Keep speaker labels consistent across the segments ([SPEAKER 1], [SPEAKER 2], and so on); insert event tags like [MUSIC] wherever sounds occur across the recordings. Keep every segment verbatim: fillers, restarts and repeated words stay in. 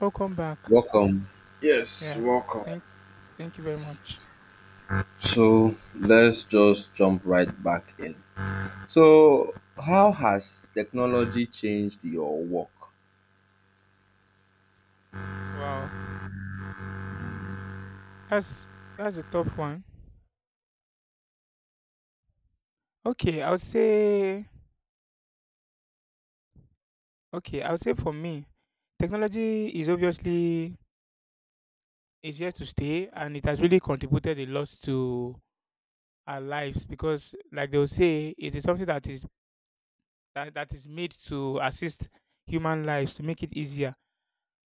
[SPEAKER 1] Welcome back.
[SPEAKER 2] Welcome. Yes,
[SPEAKER 1] Yeah,
[SPEAKER 2] welcome.
[SPEAKER 1] thank thank you very much.
[SPEAKER 2] So let's just jump right back in. So, how has technology changed your work?
[SPEAKER 1] Wow. That's that's a tough one. Okay, I would say okay, I would say for me, technology is obviously is here to stay, and it has really contributed a lot to our lives because, like they'll say, it is something that is that, that is made to assist human lives, to make it easier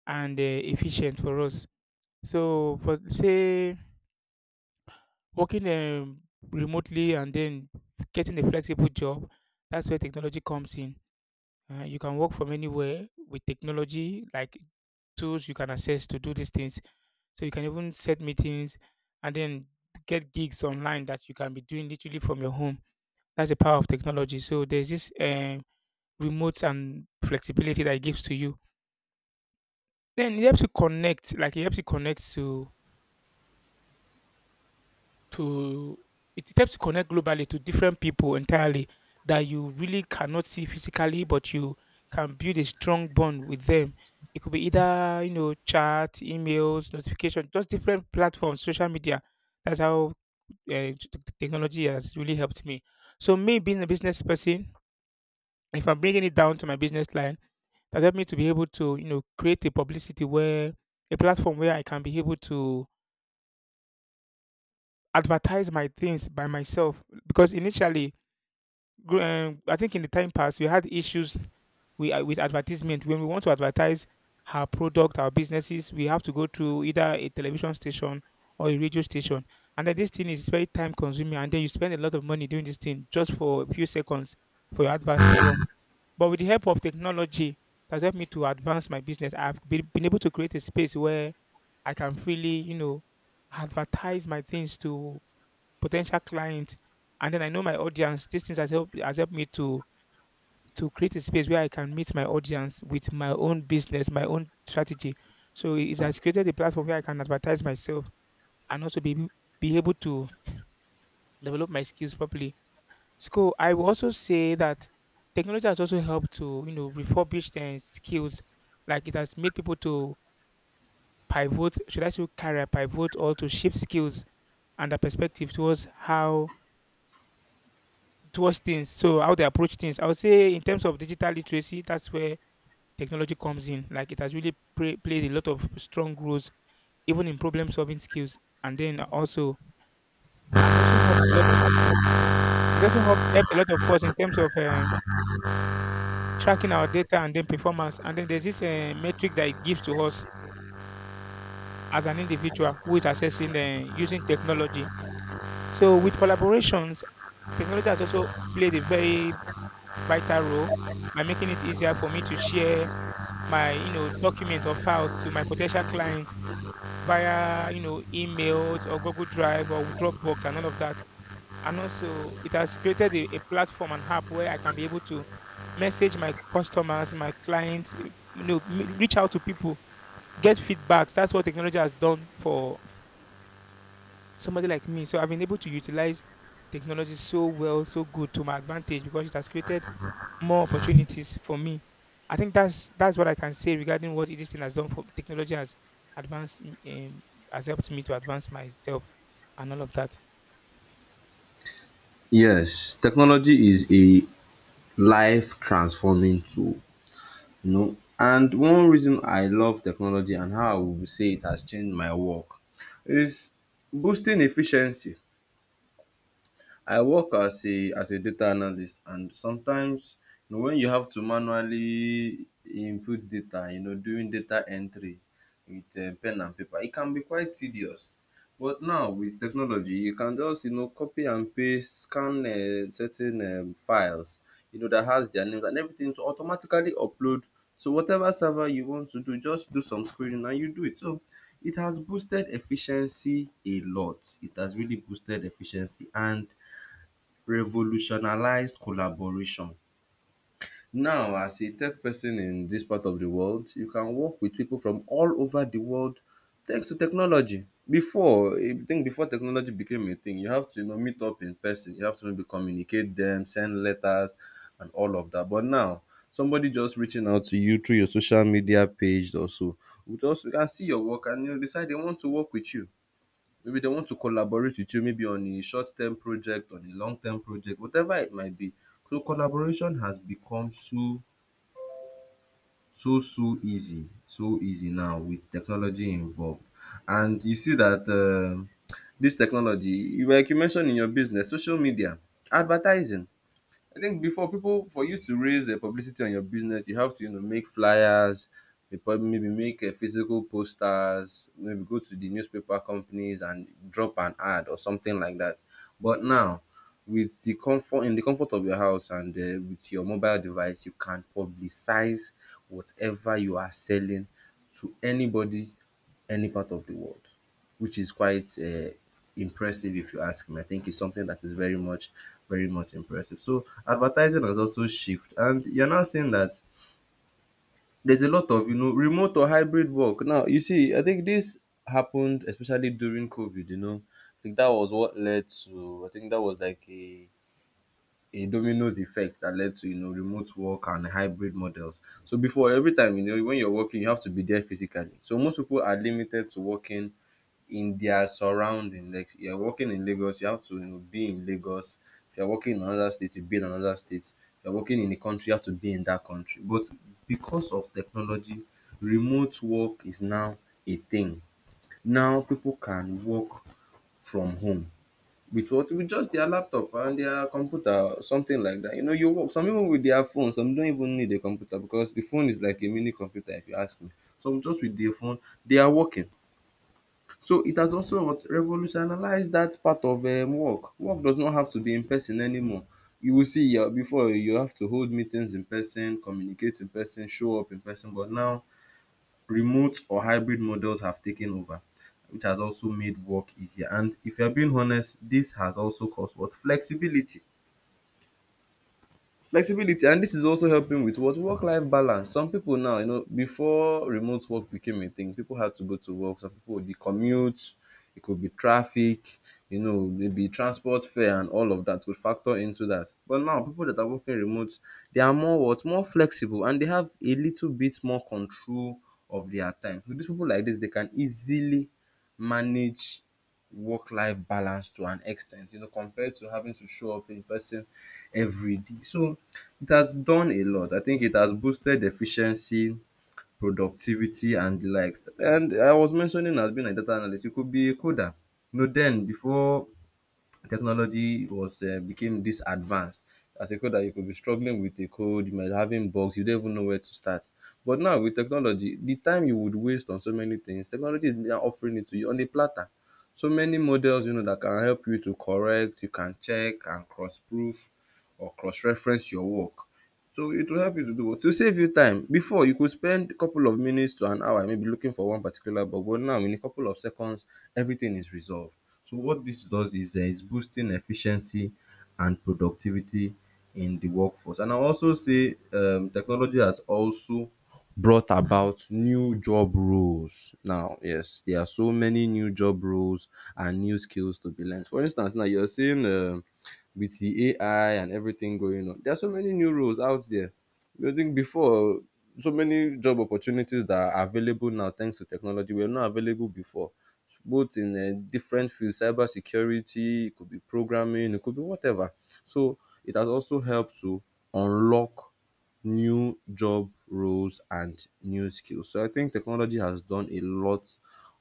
[SPEAKER 1] and uh, efficient for us. So for say working um, remotely and then getting a flexible job, that's where technology comes in. Uh, you can work from anywhere with technology, like tools you can access to do these things. So you can even set meetings and then get gigs online that you can be doing literally from your home. That's the power of technology. So there's this um, remote and flexibility that it gives to you. Then it helps you connect, like it helps you connect to to it helps to connect globally to different people entirely that you really cannot see physically, but you can build a strong bond with them. It could be either, you know, chat, emails, notification, just different platforms, social media. That's how uh, technology has really helped me. So me being a business person, if I'm bringing it down to my business line, that helped me to be able to, you know, create a publicity where a platform where I can be able to advertise my things by myself because initially gr- um, I think in the time past we had issues we uh, with advertisement. When we want to advertise our product, our businesses, we have to go to either a television station or a radio station, and then this thing is very time consuming, and then you spend a lot of money doing this thing just for a few seconds for your adverts to run. But with the help of technology, it has helped me to advance my business. I've been, been able to create a space where I can freely, you know, advertise my things to potential clients, and then I know my audience. These things has helped has helped me to to create a space where I can meet my audience with my own business, my own strategy. So it has created a platform where I can advertise myself and also be able- be able to develop my skills properly. So I will also say that technology has also helped to, you know, refurbish their skills. Like it has made people to pivot. Should I say career pivot, or to shift skills and their perspective towards how towards things. So how they approach things. I would say in terms of digital literacy, that's where technology comes in. Like it has really play, played a lot of strong roles, even in problem solving skills. And then also has also helped a lot. Has also helped, helped a lot of us in terms of uh, tracking our data and then performance. And then there's this uh, metric that it gives to us as an individual who is assessing, uh, using technology. So with collaborations, technology has also played a very vital role by making it easier for me to share my, you know, document or files to my potential clients via, you know, emails or Google Drive or Dropbox and all of that. And also, it has created a, a platform and app where I can be able to message my customers, my clients, eh, you know, m- reach out to people, get feedbacks. That's what technology has done for somebody like me. So I've been able to utilize technology so well, so good to my advantage because it has created more opportunities for me. I think that's that's what I can say regarding what this thing has done. For technology has advanced m- um, has helped me to advance myself and all of that.
[SPEAKER 2] Yes, technology is a life transforming tool, you know. And one reason I love technology and how I would say it has changed my work is boosting efficiency. I work as a as a data analyst, and sometimes, you know, when you have to manually input data, you know, doing data entry with um pen and paper, it can be quite tedious. But now with technology, you can just, you know, copy and paste, scan um certain um files, you know, that has their names and everything to automatically upload. So whatever server you want to do, just do some screening and you do it. So it has boosted efficiency a lot. It has really boosted efficiency and revolutionalize collaboration. Now as a tech person in dis part of the world, you can work with people from all over the world thanks to technology. Before um think before technology became a thing, you have to, you know, meet up in person, you have to maybe communicate dem, send letters and all of dat. But now somebody just reaching out to you through your social media page or so, you just you can see your work and, you know, decide they want to work with you. Maybe they want to collaborate with you, maybe on a short term project, on a long term project, whatever it might be. So collaboration has become so so so easy, so easy now with technology involved. And you see that um dis technology, like you mentioned in your business, social media, advertising. I think before, people, for you to raise a publicity on your business, you have to, you know, make flyers, you prob- maybe make a physical posters, maybe go to the newspaper companies and drop an ad or something like that. But now, with the comfort in the comfort of your house and uh, with your mobile device, you can publicize whatever you are selling to anybody, any part of the world, which is quite uh, impressive if you ask me. I think it's something that is very much, very much impressive. So advertising has also shifted, and you're now seeing that there's a lot of, you know, remote or hybrid work. Now you see, I think this happened especially during COVID. You know, I think that was what led to. I think that was like a a dominoes effect that led to, you know, remote work and hybrid models. So before, every time, you know, when you're working, you have to be there physically. So most people are limited to working in their surrounding. Like you're working in Lagos, you have to, you know, be in Lagos. If you're working in another state, you be in another state. If you're working in a country, you have to be in that country. But because of technology, remote work is now a thing. Now people can work from home with what, with just their laptop and their computer or something like that. You know, you work some even with their phone, some don't even need a computer because the phone is like a mini computer if you ask me. Some just with their phone, they are working. So it has also what revolutionized that part of um work. Work does not have to be in person anymore. You will see um before you have to hold meetings in person, communicate in person, show up in person, but now remote or hybrid models have taken over, which has also made work easier. And if you're being honest, this has also caused what flexibility. Flexibility, and this is also helping with what work life balance. Some people now, you know, before remote work became a thing, people had to go to work, some people the commute, it could be traffic, you know, maybe transport fare and all of that could factor into that. But now people that are working remote, they are more what, more flexible, and they have a little bit more control of their time. So these people like this, they can easily manage work-life balance to an extent, you know, compared to having to show up in person every day. So it has done a lot. I think it has boosted efficiency, productivity and the likes. And I was mentioning as being a data analyst, you could be a coder. You know, then before technology was uh, became this advanced, as a coder you could be struggling with a code, you might be having bugs, you don't even know where to start. But now with technology, the time you would waste on so many things, technology is now offering it to you on a platter. So many models, you know, that can help you to correct, you can check and cross-proof or cross-reference your work. So it will help you to do what? To save you time. Before you could spend a couple of minutes to an hour maybe looking for one particular bug, but now in a couple of seconds everything is resolved. So what this does is uh, it's boosting efficiency and productivity in the workforce. And I also say um, technology has also brought about new job roles now. Yes, there are so many new job roles and new skills to be learned. For instance, now you're saying um, with the A I and everything going on, there are so many new roles out there. I think before, so many job opportunities that are available now thanks to technology were not available before, both in uh, different fields, cyber security, it could be programming, it could be whatever. So it has also helped to unlock new job roles and new skills. So I think technology has done a lot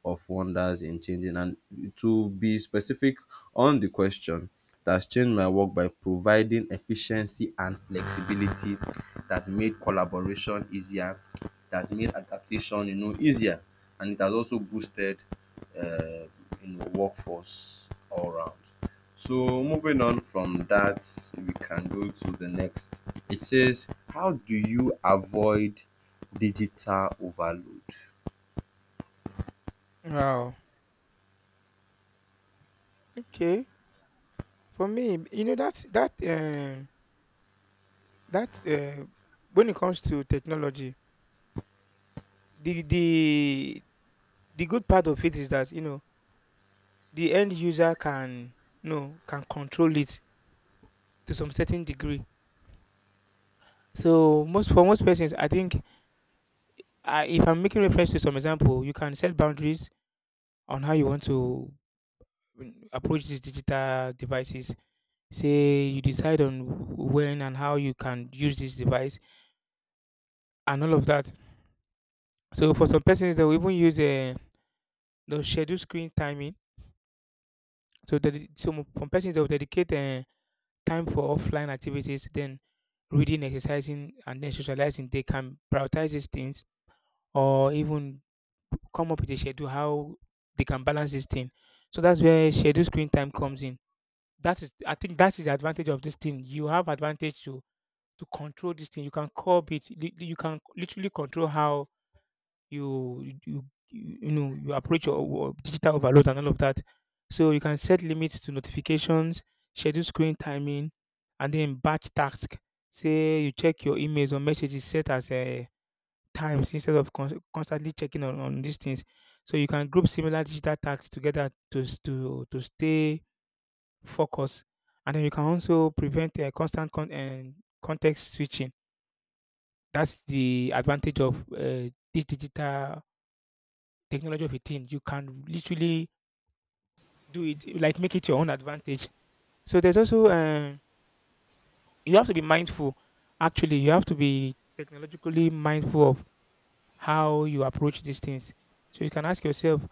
[SPEAKER 2] of wonders in changing. And to be specific on the question, that has changed my work by providing efficiency and flexibility, that's made collaboration easier, that's made adaptation, you know, easier, and it has also boosted uh, you know, workforce all around. So moving on from that, we can go to the next. It says, how do you avoid digital overload?
[SPEAKER 1] Wow. Okay. For me, you know, that that um that uh, when it comes to technology, the the the good part of it is that, you know, the end user can, you know, can control it to some certain degree. So most, for most persons, I think uh, if I'm making reference to some example, you can set boundaries on how you want to mm, approach these digital devices. Say you decide on when and how you can use this device and all of that. So for some persons, they will even use a they'll schedule screen timing. So that it- some some persons they'll dedicate uh, time for offline activities, then reading, exercising, and then socializing. They can prioritize these things or even come up with a schedule how they can balance this thing. So that's where schedule screen time comes in. That is, I think that is the advantage of this thing. You have advantage to to control this thing. You can curb it. Lit- you can literally control how you you you you know you approach your wo- digital overload and all of that. So you can set limits to notifications, schedule screen timing, and then batch task. Say you check your emails or messages set as a times instead of con- constantly checking on, on these things. So you can group similar digital tasks together to s- to to stay focus. And then you can also prevent uh, constant con- and context switching. That's the advantage of uh, this digital technology of a thing. You can literally do it, like make it your own advantage. So there's also um you have to be mindful. Actually, you have to be technologically mindful of how you approach these things. So you can ask yourself,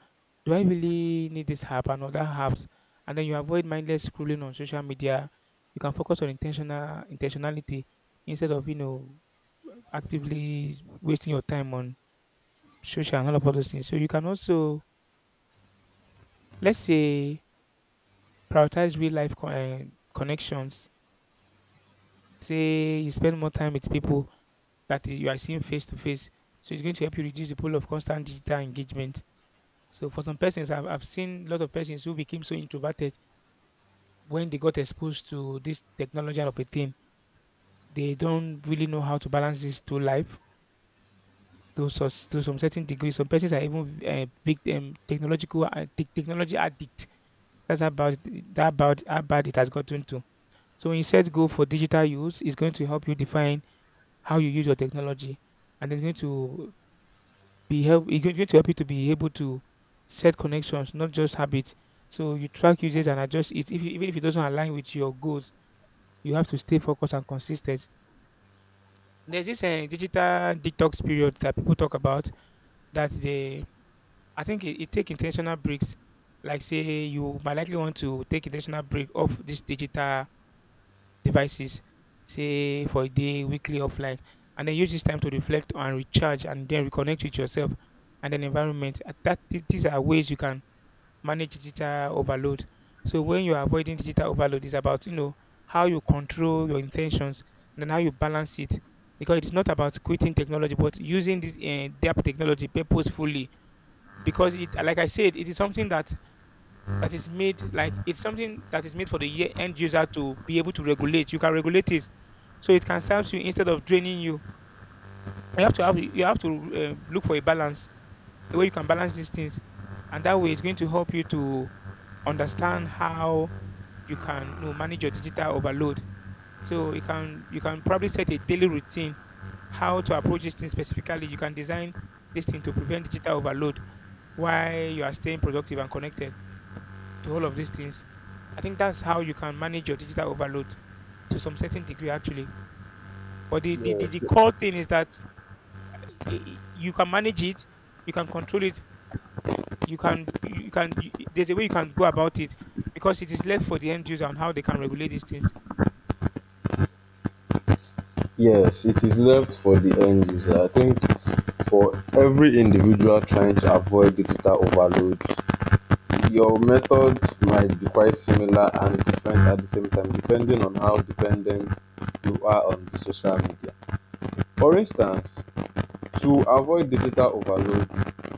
[SPEAKER 1] do I really need this app and other apps? And then you avoid mindless scrolling on social media. You can focus on intentional intentionality instead of, you know, actively wasting your time on social and all of those things. So you can also, let's say, prioritize real life con- eh, connections. Say you spend more time with people that you are seeing face to face. So it's going to help you reduce the pull of constant digital engagement. So for some persons, I've, I've seen a lot of persons who became so introverted when they got exposed to this technology and of a thing. They don't really know how to balance this to life to, sus- to some certain degree. Some persons are even uh, victim technological uh, tech- technology addict. That's about that about how bad it has gotten to. So when you set goal for digital use, it's going to help you define how you use your technology, and it's going to be help it's going to help you to be able to set connections, not just habits. So you track usage and adjust it. If, you- even if it doesn't align with your goals, you have to stay focused and consistent. There's this uh, digital detox period that people talk about that they, I think it, it take intentional breaks. Like say you might likely want to take intentional break off these digital devices, say for a day, weekly, offline, and then use this time to reflect and recharge and then reconnect with yourself and then environment. Uh, That th- these are ways you can manage digital overload. So when you're avoiding digital overload, it's about, you know, how you control your intentions and then how you balance it. Because it's not about quitting technology, but using this uh, depth technology purposefully. Because it, like I said, it is something that that is made, like it's something that is made for the ye- end user to be able to regulate. You can regulate it, so it can serve you instead of draining you. You have to have you have to uh, look for a balance, a way you can balance these things. And that way it's going to help you to understand how you can, you know, manage your digital overload. So you can you can probably set a daily routine how to approach this thing specifically. You can design this thing to prevent digital overload while you are staying productive and connected to all of these things. I think that's how you can manage your digital overload to some certain degree actually. But the the, the, the core thing is that eh, eh, you can manage it, you can control it, you can you can you, there's a way you can go about it because it is left for the end user on how they can regulate these things.
[SPEAKER 2] Yes, it is left for the end user. I think for every individual trying to avoid digital overload, your methods might be quite similar and different at the same time depending on how dependent you are on the social media. For instance, to avoid digital overload,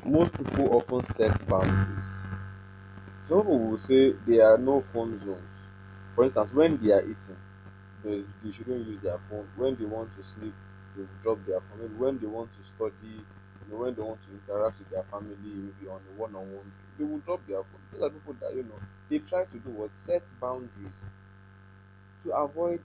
[SPEAKER 2] most people often set boundaries. Some people will say there are no phone zones. For instance, when they are eating, they, they shouldn't use their phone. When they want to sleep, they will drop their phone. Maybe when they want to study, you know, when they want to interact with their family, maybe on a one-on-one, they will drop their phone. These are people that, you know, they try to do what, set boundaries to avoid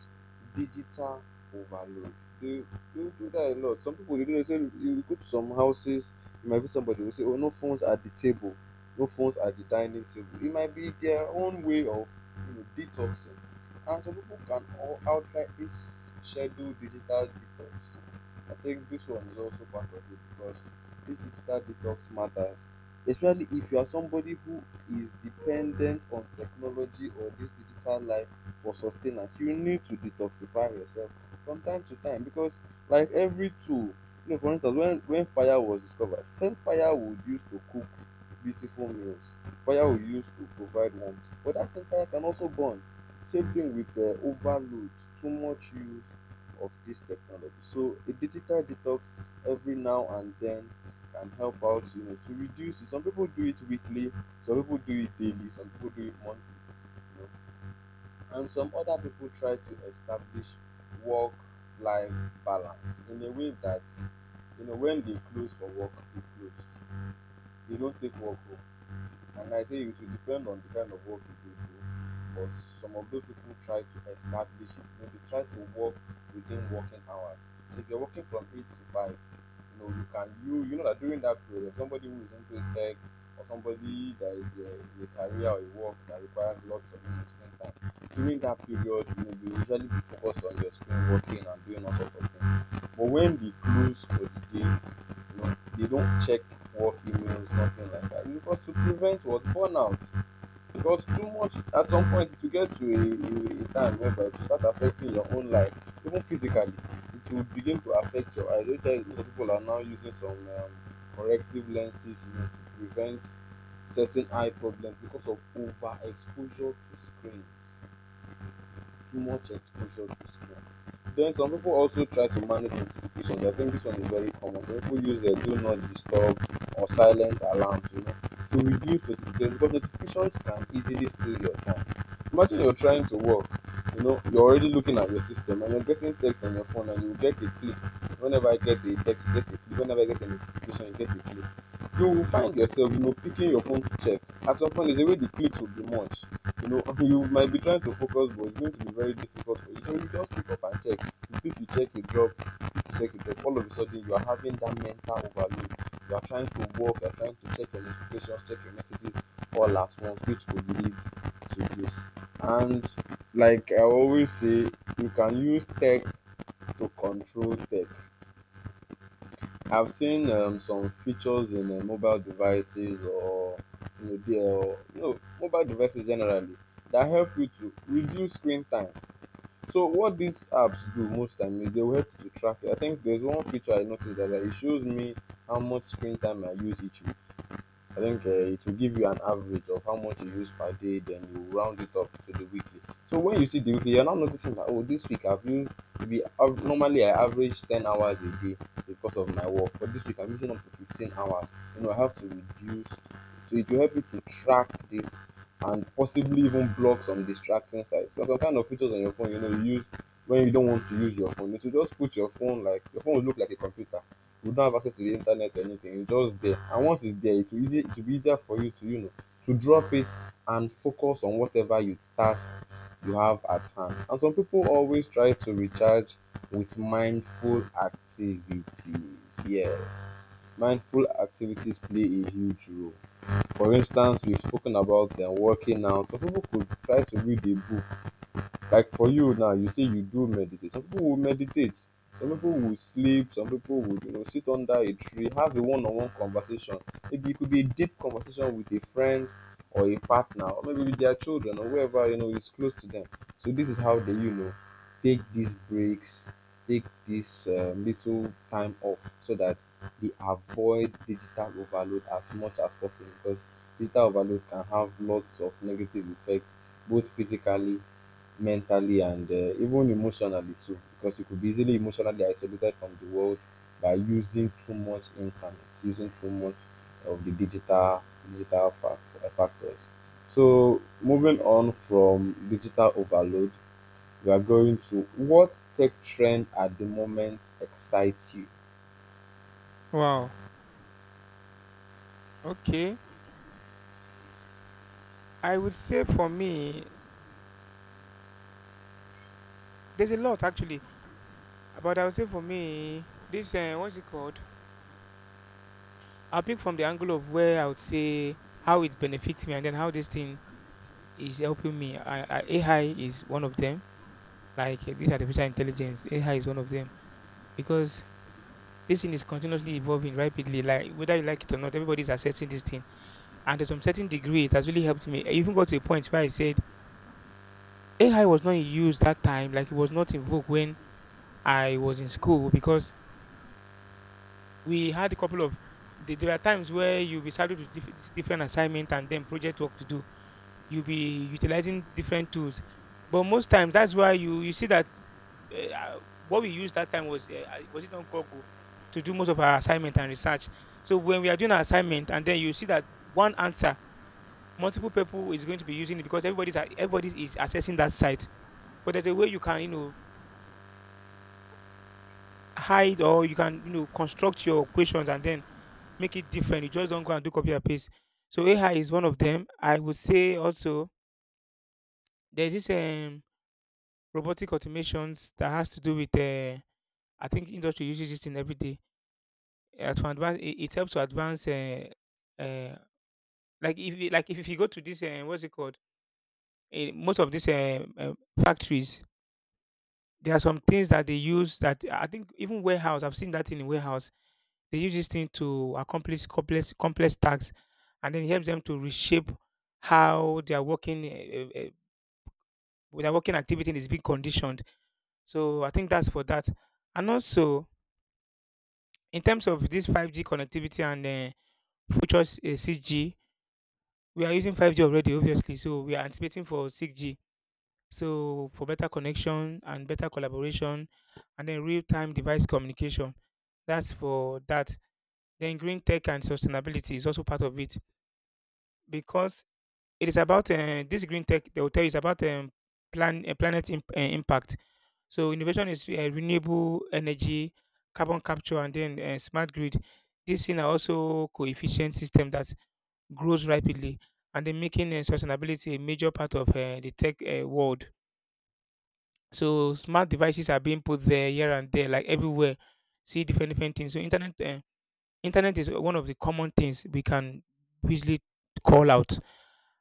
[SPEAKER 2] digital overload. They they do that a lot. Some people they do, they say, you go to some houses, you might be, somebody will say, oh, no phones at the table, no phones at the dining table. It might be their own way of, you know, detoxing. And some people can all outright this scheduled digital detox. I think this one is also part of it because this digital detox matters, especially if you are somebody who is dependent on technology or this digital life for sustenance. You need to detoxify yourself from time to time because, like every tool, you know, for instance, when when fire was discovered, same fire would use to cook beautiful meals, fire would use to provide warmth, but that same fire can also burn. Same thing with uh, overload, too much use of this technology. So a digital detox every now and then can help out, you know, to reduce it. Some people do it weekly, some people do it daily, some people do it monthly, you know. And some other people try to establish work life balance in a way that, you know, when they close for work, they've closed. They don't take work home. And I say it will depend on the kind of work you do do. But some of those people try to establish it. You know, they try to work within working hours. So if you're working from eight to five, you know, you can you, you know that during that period, somebody who is into a tech or somebody that is uh, in a career or a work that requires lots of, you know, screen time, during that period, you know, you usually be focused on your screen working and doing all sorts of things. But when the close for the day, no, they don't check work emails, nothing like that. Because to prevent what, burnout. Because too much at some point to get to a, a, a time whereby to start affecting your own life, even physically, it will begin to affect your eyes. Which is why people are now using some um, corrective lenses, you know, to prevent certain eye problems because of overexposure to screens. Too much exposure to screens. Then some people also try to manage notifications. I think this one is very common. Some people use a do not disturb or silent alarms, you know, to reduce notifications because notifications can easily steal your time. Imagine you're trying to work, you know, you're already looking at your system and you're getting text on your phone and you get a click. Whenever I get a text, you get a click. Whenever I get a notification, you get a click. You will find yourself, you know, picking your phone to check. At some point, there's a way the clicks will be much. You know, [LAUGHS] you might be trying to focus, but it's going to be very difficult for you, so you just pick up and check. You pick, you check, you drop, you pick, you check, you drop. All of a sudden, you are having that mental overload. You are trying to work, you are trying to check your notifications, check your messages all at once, which could lead to this. And like I always say, you can use tech to control tech. I've seen um, some features in uh, mobile devices or you know, they, or you know, mobile devices generally that help you to reduce screen time. So what these apps do most time is they will help you to track it. I think there's one feature I noticed that uh, it shows me how much screen time I use each week. I think uh, it will give you an average of how much you use per day, then you round it up to the weekly. So when you see the weekly, you're now noticing that, oh, this week I've used, maybe av- normally I average ten hours a day because of my work, but this week I'm using up to fifteen hours. You know, I have to reduce. So it will help you to track this and possibly even block some distracting sites. So some kind of features on your phone, you know, you use when you don't want to use your phone. You should just put your phone like, your phone will look like a computer. You don have access to the internet or anything, it's just there. And once it's there, it will easy, it will be easier for you to, you know, to drop it and focus on whatever you task you have at hand. And some people always try to recharge with mindful activities. Yes, mindful activities play a huge role. For instance, we've spoken about them working out. Some people could try to read a book. Like for you now, you say you do meditate. Some people will meditate. Some people will sleep. Some people will, you know, sit under a tree, have a one-on-one conversation. Maybe it could be a deep conversation with a friend or a partner, or maybe with their children or whoever you know is close to them. So this is how they, you know, take these breaks, take this um, little time off, so that they avoid digital overload as much as possible. Because digital overload can have lots of negative effects, both physically, mentally, and uh, even emotionally too, because you could be easily emotionally isolated from the world by using too much internet, using too much of the digital digital fac- factors. So moving on from digital overload, we are going to, what tech trend at the moment excites you?
[SPEAKER 1] Wow. Okay. I would say for me, there's a lot actually, but I would say for me, this uh, what's it called? I'll pick from the angle of where I would say how it benefits me and then how this thing is helping me. I, A I is one of them. Like eh, this artificial intelligence, A I is one of them because this thing is continuously evolving rapidly. Like whether you like it or not, everybody's assessing this thing. And to some certain degree, it has really helped me. I even got to a point where I said A I was not in use that time, like it was not in vogue when I was in school because we had a couple of the- there are times where you'll be saddled with diff- dis- different assignment and then project work to do. You'll be utilizing different tools, but most times that's why you you see that uh, uh, what we used that time was uh, uh, was it on Google to do most of our assignment and research. So when we are doing our assignment and then you see that one answer, multiple people is going to be using it because everybody's a- everybody is accessing that site. But there's a way you can, you know, hide or you can, you know, construct your questions and then make it different. You just don't go and do copy and paste. So A I is one of them. I would say also there's this um, robotic automations that has to do with uh, I think industry uses it in every day. As for advance, it, it helps to advance. Uh, uh, like if you- like if, if you go to this uh, what's it called? Uh, most of these uh, uh, factories, there are some things that they use that I think even warehouse. I've seen that thing in warehouse. They use this thing to accomplish complex complex tasks, and then it helps them to reshape how their working uh, uh, uh, their working activity is being conditioned. So I think that's for that. And also in terms of this five G connectivity and uh, future s- uh, six G, we are using five G already, obviously. So we are anticipating for six G. So for better connection and better collaboration, and then real time device communication. That's for that. Then green tech and sustainability is also part of it because it is about uh, this green tech. They will tell you it's about um, plan uh, planet imp- uh, impact. So innovation is uh, renewable energy, carbon capture, and then uh, smart grid. These things are also coefficient system that grows rapidly, and then making uh, sustainability a major part of uh, the tech uh, world. So smart devices are being put there here and there, like everywhere. See different different things. So internet. Uh, Internet is one of the common things we can easily call out.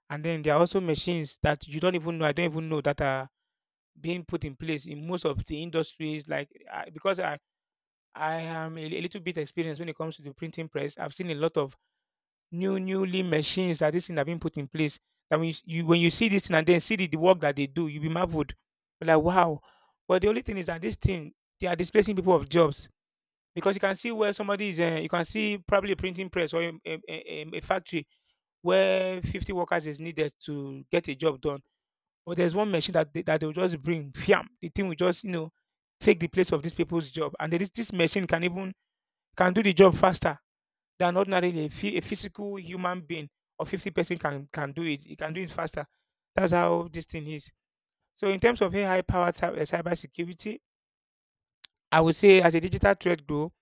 [SPEAKER 1] And then there are also machines that you don't even know, I don't even know that are being put in place in most of the industries. Like I, because I I am a, a little bit experienced when it comes to the printing press. I've seen a lot of new newly machines that this thing have been put in place. That when you, s- you when you see this thing and then see the, the work that they do, you'll be marveled. Like wow. But the only thing is that this thing, they are displacing people of jobs because you can see where somebody is, uh, you can see probably a printing press or a, a, a, a factory where fifty workers is needed to get a job done. But there's one machine that they, that they will just bring, fiam. The thing will just, you know, take the place of these people's job. And then this, this machine can even, can do the job faster than ordinarily a, phy- a physical human being or fifty person can, can do it. It can do it faster. That's how this thing is. So in terms of A I-powered cyber security, I would say as a digital threat grow,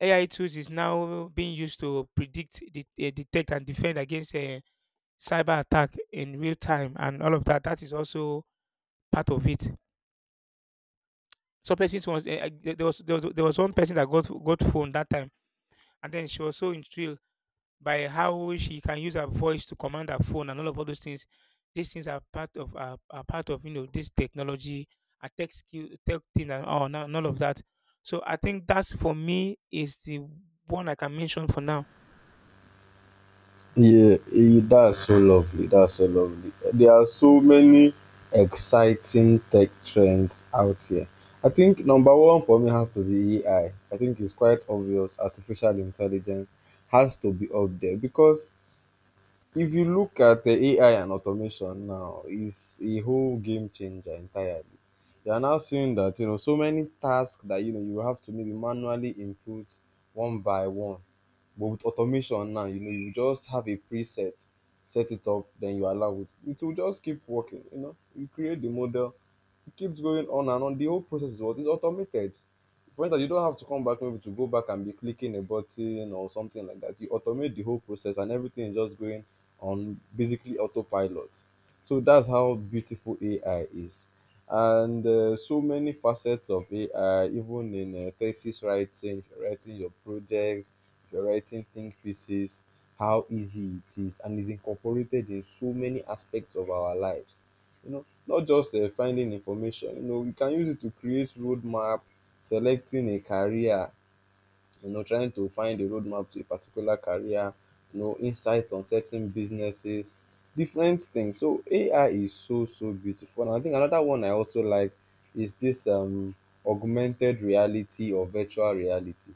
[SPEAKER 1] A I tools is now being used to predict, de- eh, detect, and defend against a cyber attack in real time, and all of that. That is also part of it. So, persons was eh, eh, there there was there was there was one person that got got phone that time, and then she was so intrigued by how she can use her voice to command her phone and all of all those things. These things are part of are, are part of, you know, this technology, a tech skill, tech thing, and all, and all of that. So, I think that's for me is the one I can mention for now.
[SPEAKER 2] Yeah, eh, that's so lovely. That's so lovely. There are so many exciting tech trends out here. I think number one for me has to be A I. I I think it's quite obvious artificial intelligence has to be up there because if you look at the A I and automation now, is a whole game changer entirely. You are now seeing that, you know, so many tasks that, you know, you have to maybe manually input one by one, but with automation now, you know, you just have a preset, set it up, then you allow it. It will just keep working. You know, you create the model, it keeps going on and on. The whole process is what is automated. For instance, you don't have to come back maybe to go back and be clicking a button or something like that. You automate the whole process and everything is just going on basically autopilot. So that's how beautiful A I is. And uh, so many facets of A I, even in uh, thesis writing, if you're writing your projects, if you're writing think pieces, how easy it is, and is incorporated in so many aspects of our lives, you know, not just uh, finding information. You know, we can use it to create roadmap, selecting a career, you know, trying to find a roadmap to a particular career, you know, insight on certain businesses, different things. So A I is so so beautiful. And I think another one I also like is this um augmented reality or virtual reality.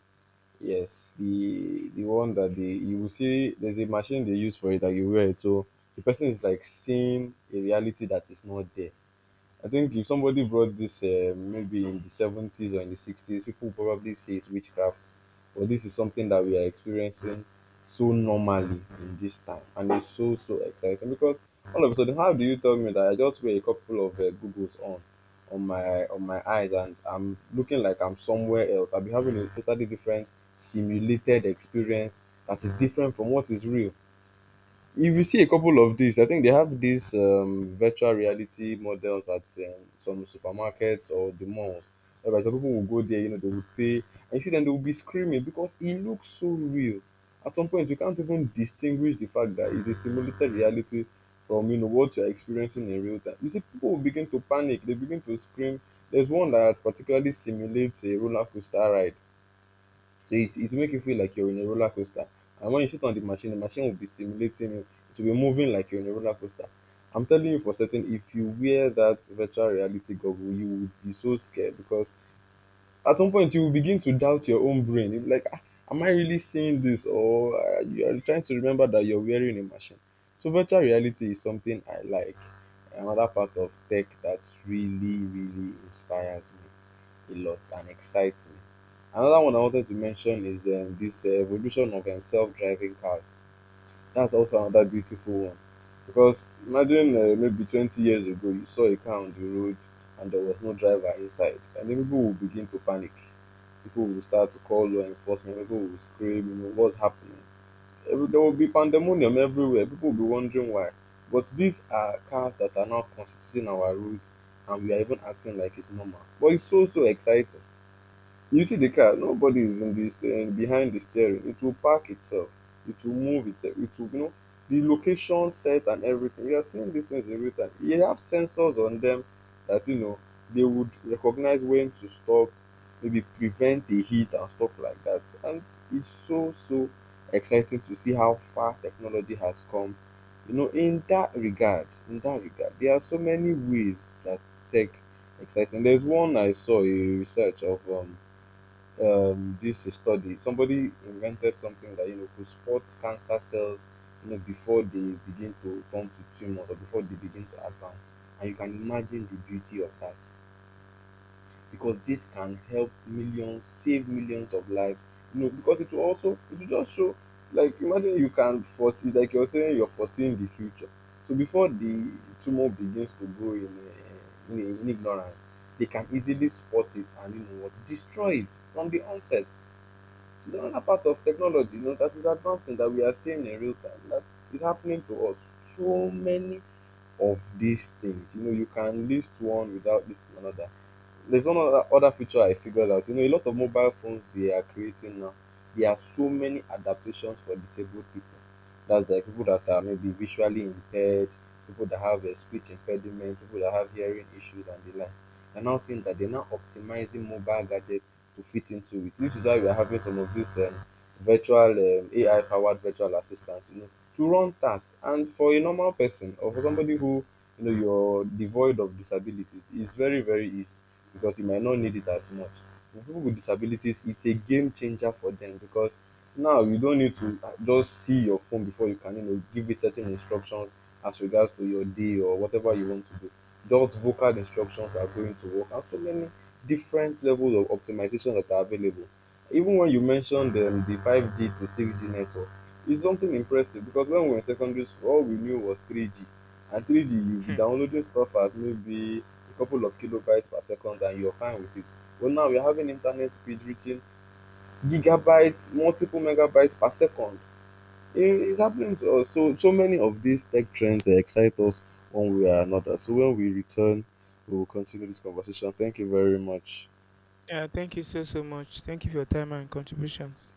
[SPEAKER 2] Yes, the the one that they, you will see, there's a machine they use for it, that you wear it. So the person is like seeing a reality that is not there. I think if somebody brought this uh, maybe in the seventies or in the sixties, people would probably say it's witchcraft. But this is something that we are experiencing so normally in this time. And it's so, so exciting because all of a sudden, how do you tell me that I just wear a couple of uh, Googles on? On my on my eyes, and I'm looking like I'm somewhere else. I'll be having a totally different simulated experience that is different from what is real. If you see a couple of these, I think they have these um virtual reality models at um, some supermarkets or the malls, whereby some people will go there, you know, they will pay. And you see them, they will be screaming because it looks so real. At some point, you can't even distinguish the fact that it's a simulated reality from, you know, what you're experiencing in real time. You see, people will begin to panic, they begin to scream. There's one that particularly simulates a roller coaster ride. So it's, it will make you feel like you're in a roller coaster. And when you sit on the machine, the machine will be simulating you. It will be moving like you're in a roller coaster. I'm telling you for certain, if you wear that virtual reality goggle, you would be so scared because at some point you will begin to doubt your own brain. You'll be like, ah, am I really seeing this? Or uh, you are trying to remember that you're wearing a machine. So virtual reality is something I like, another part of tech that really really inspires me a lot and excites me. Another one I wanted to mention is um, this uh, evolution of um, self-driving cars. That's also another beautiful one. Because imagine uh, maybe twenty years ago, you saw a car on the road and there was no driver inside, and then people will begin to panic. People will start to call law enforcement, people will scream, you know, what's happening? Every, there will be pandemonium everywhere, people will be wondering why. But these are cars that are now constituting our roads, and we are even acting like it's normal. But it's so, so exciting. You see the car, nobody is in the steering, behind the steering. It will park itself. It will move itself. It will, you know, the location set and everything. You are seeing these things in real time. You have sensors on them that, you know, they would recognize when to stop, maybe prevent a hit and stuff like that. And it's so so exciting to see how far technology has come. You know, in that regard, in that regard, there are so many ways that tech exciting. There's one I saw a research of um um, this study. Somebody invented something that, you know, could spot cancer cells, you know, before they begin to turn to tumors or before they begin to advance. And you can imagine the beauty of that because this can help millions, save millions of lives. You know, because it will also, it will just show, like imagine you can foresee, like you're saying, you're foreseeing the future. So before the tumor begins to grow in uh, in, in ignorance, they can easily spot it and, you know what, destroy it from the onset. It's another part of technology, you know, that is advancing, that we are seeing in real time, that is happening to us. So many of these things, you know, you can list one without listing another. There's one other, other feature I figured out. You know, a lot of mobile phones they are creating now. There are so many adaptations for disabled people. That's like people that are maybe visually impaired, people that have a speech impediment, people that have hearing issues and the like. They're now seeing that, they're now optimizing mobile gadgets to fit into it, which is why we are having some of these um, virtual um, A I powered virtual assistants, you know, to run tasks. And for a normal person or for somebody who, you know, you're devoid of disabilities, it's very very easy because you might not need it as much. For people with disabilities, it's a game changer for them because now you don't need to uh, just see your phone before you can, you know, give it certain instructions as regards to your day or whatever you want to do. Just vocal instructions are going to work, and so many different levels of optimization that are available. Even when you mentioned um, the five G to six G network, it's something impressive because when we were in secondary school, all we knew was three G. And three G, you'll be
[SPEAKER 1] Hmm.
[SPEAKER 2] downloading stuff at maybe a couple of kilobytes per second and you're fine with it. But now we're having internet speed reaching gigabytes, multiple megabytes per second. It's happening to us. So, so many of these tech trends eh, excite us one way or another. So, when we return, we will continue this conversation. Thank you very much.
[SPEAKER 1] Yeah, thank you so so much. Thank you for your time and contributions.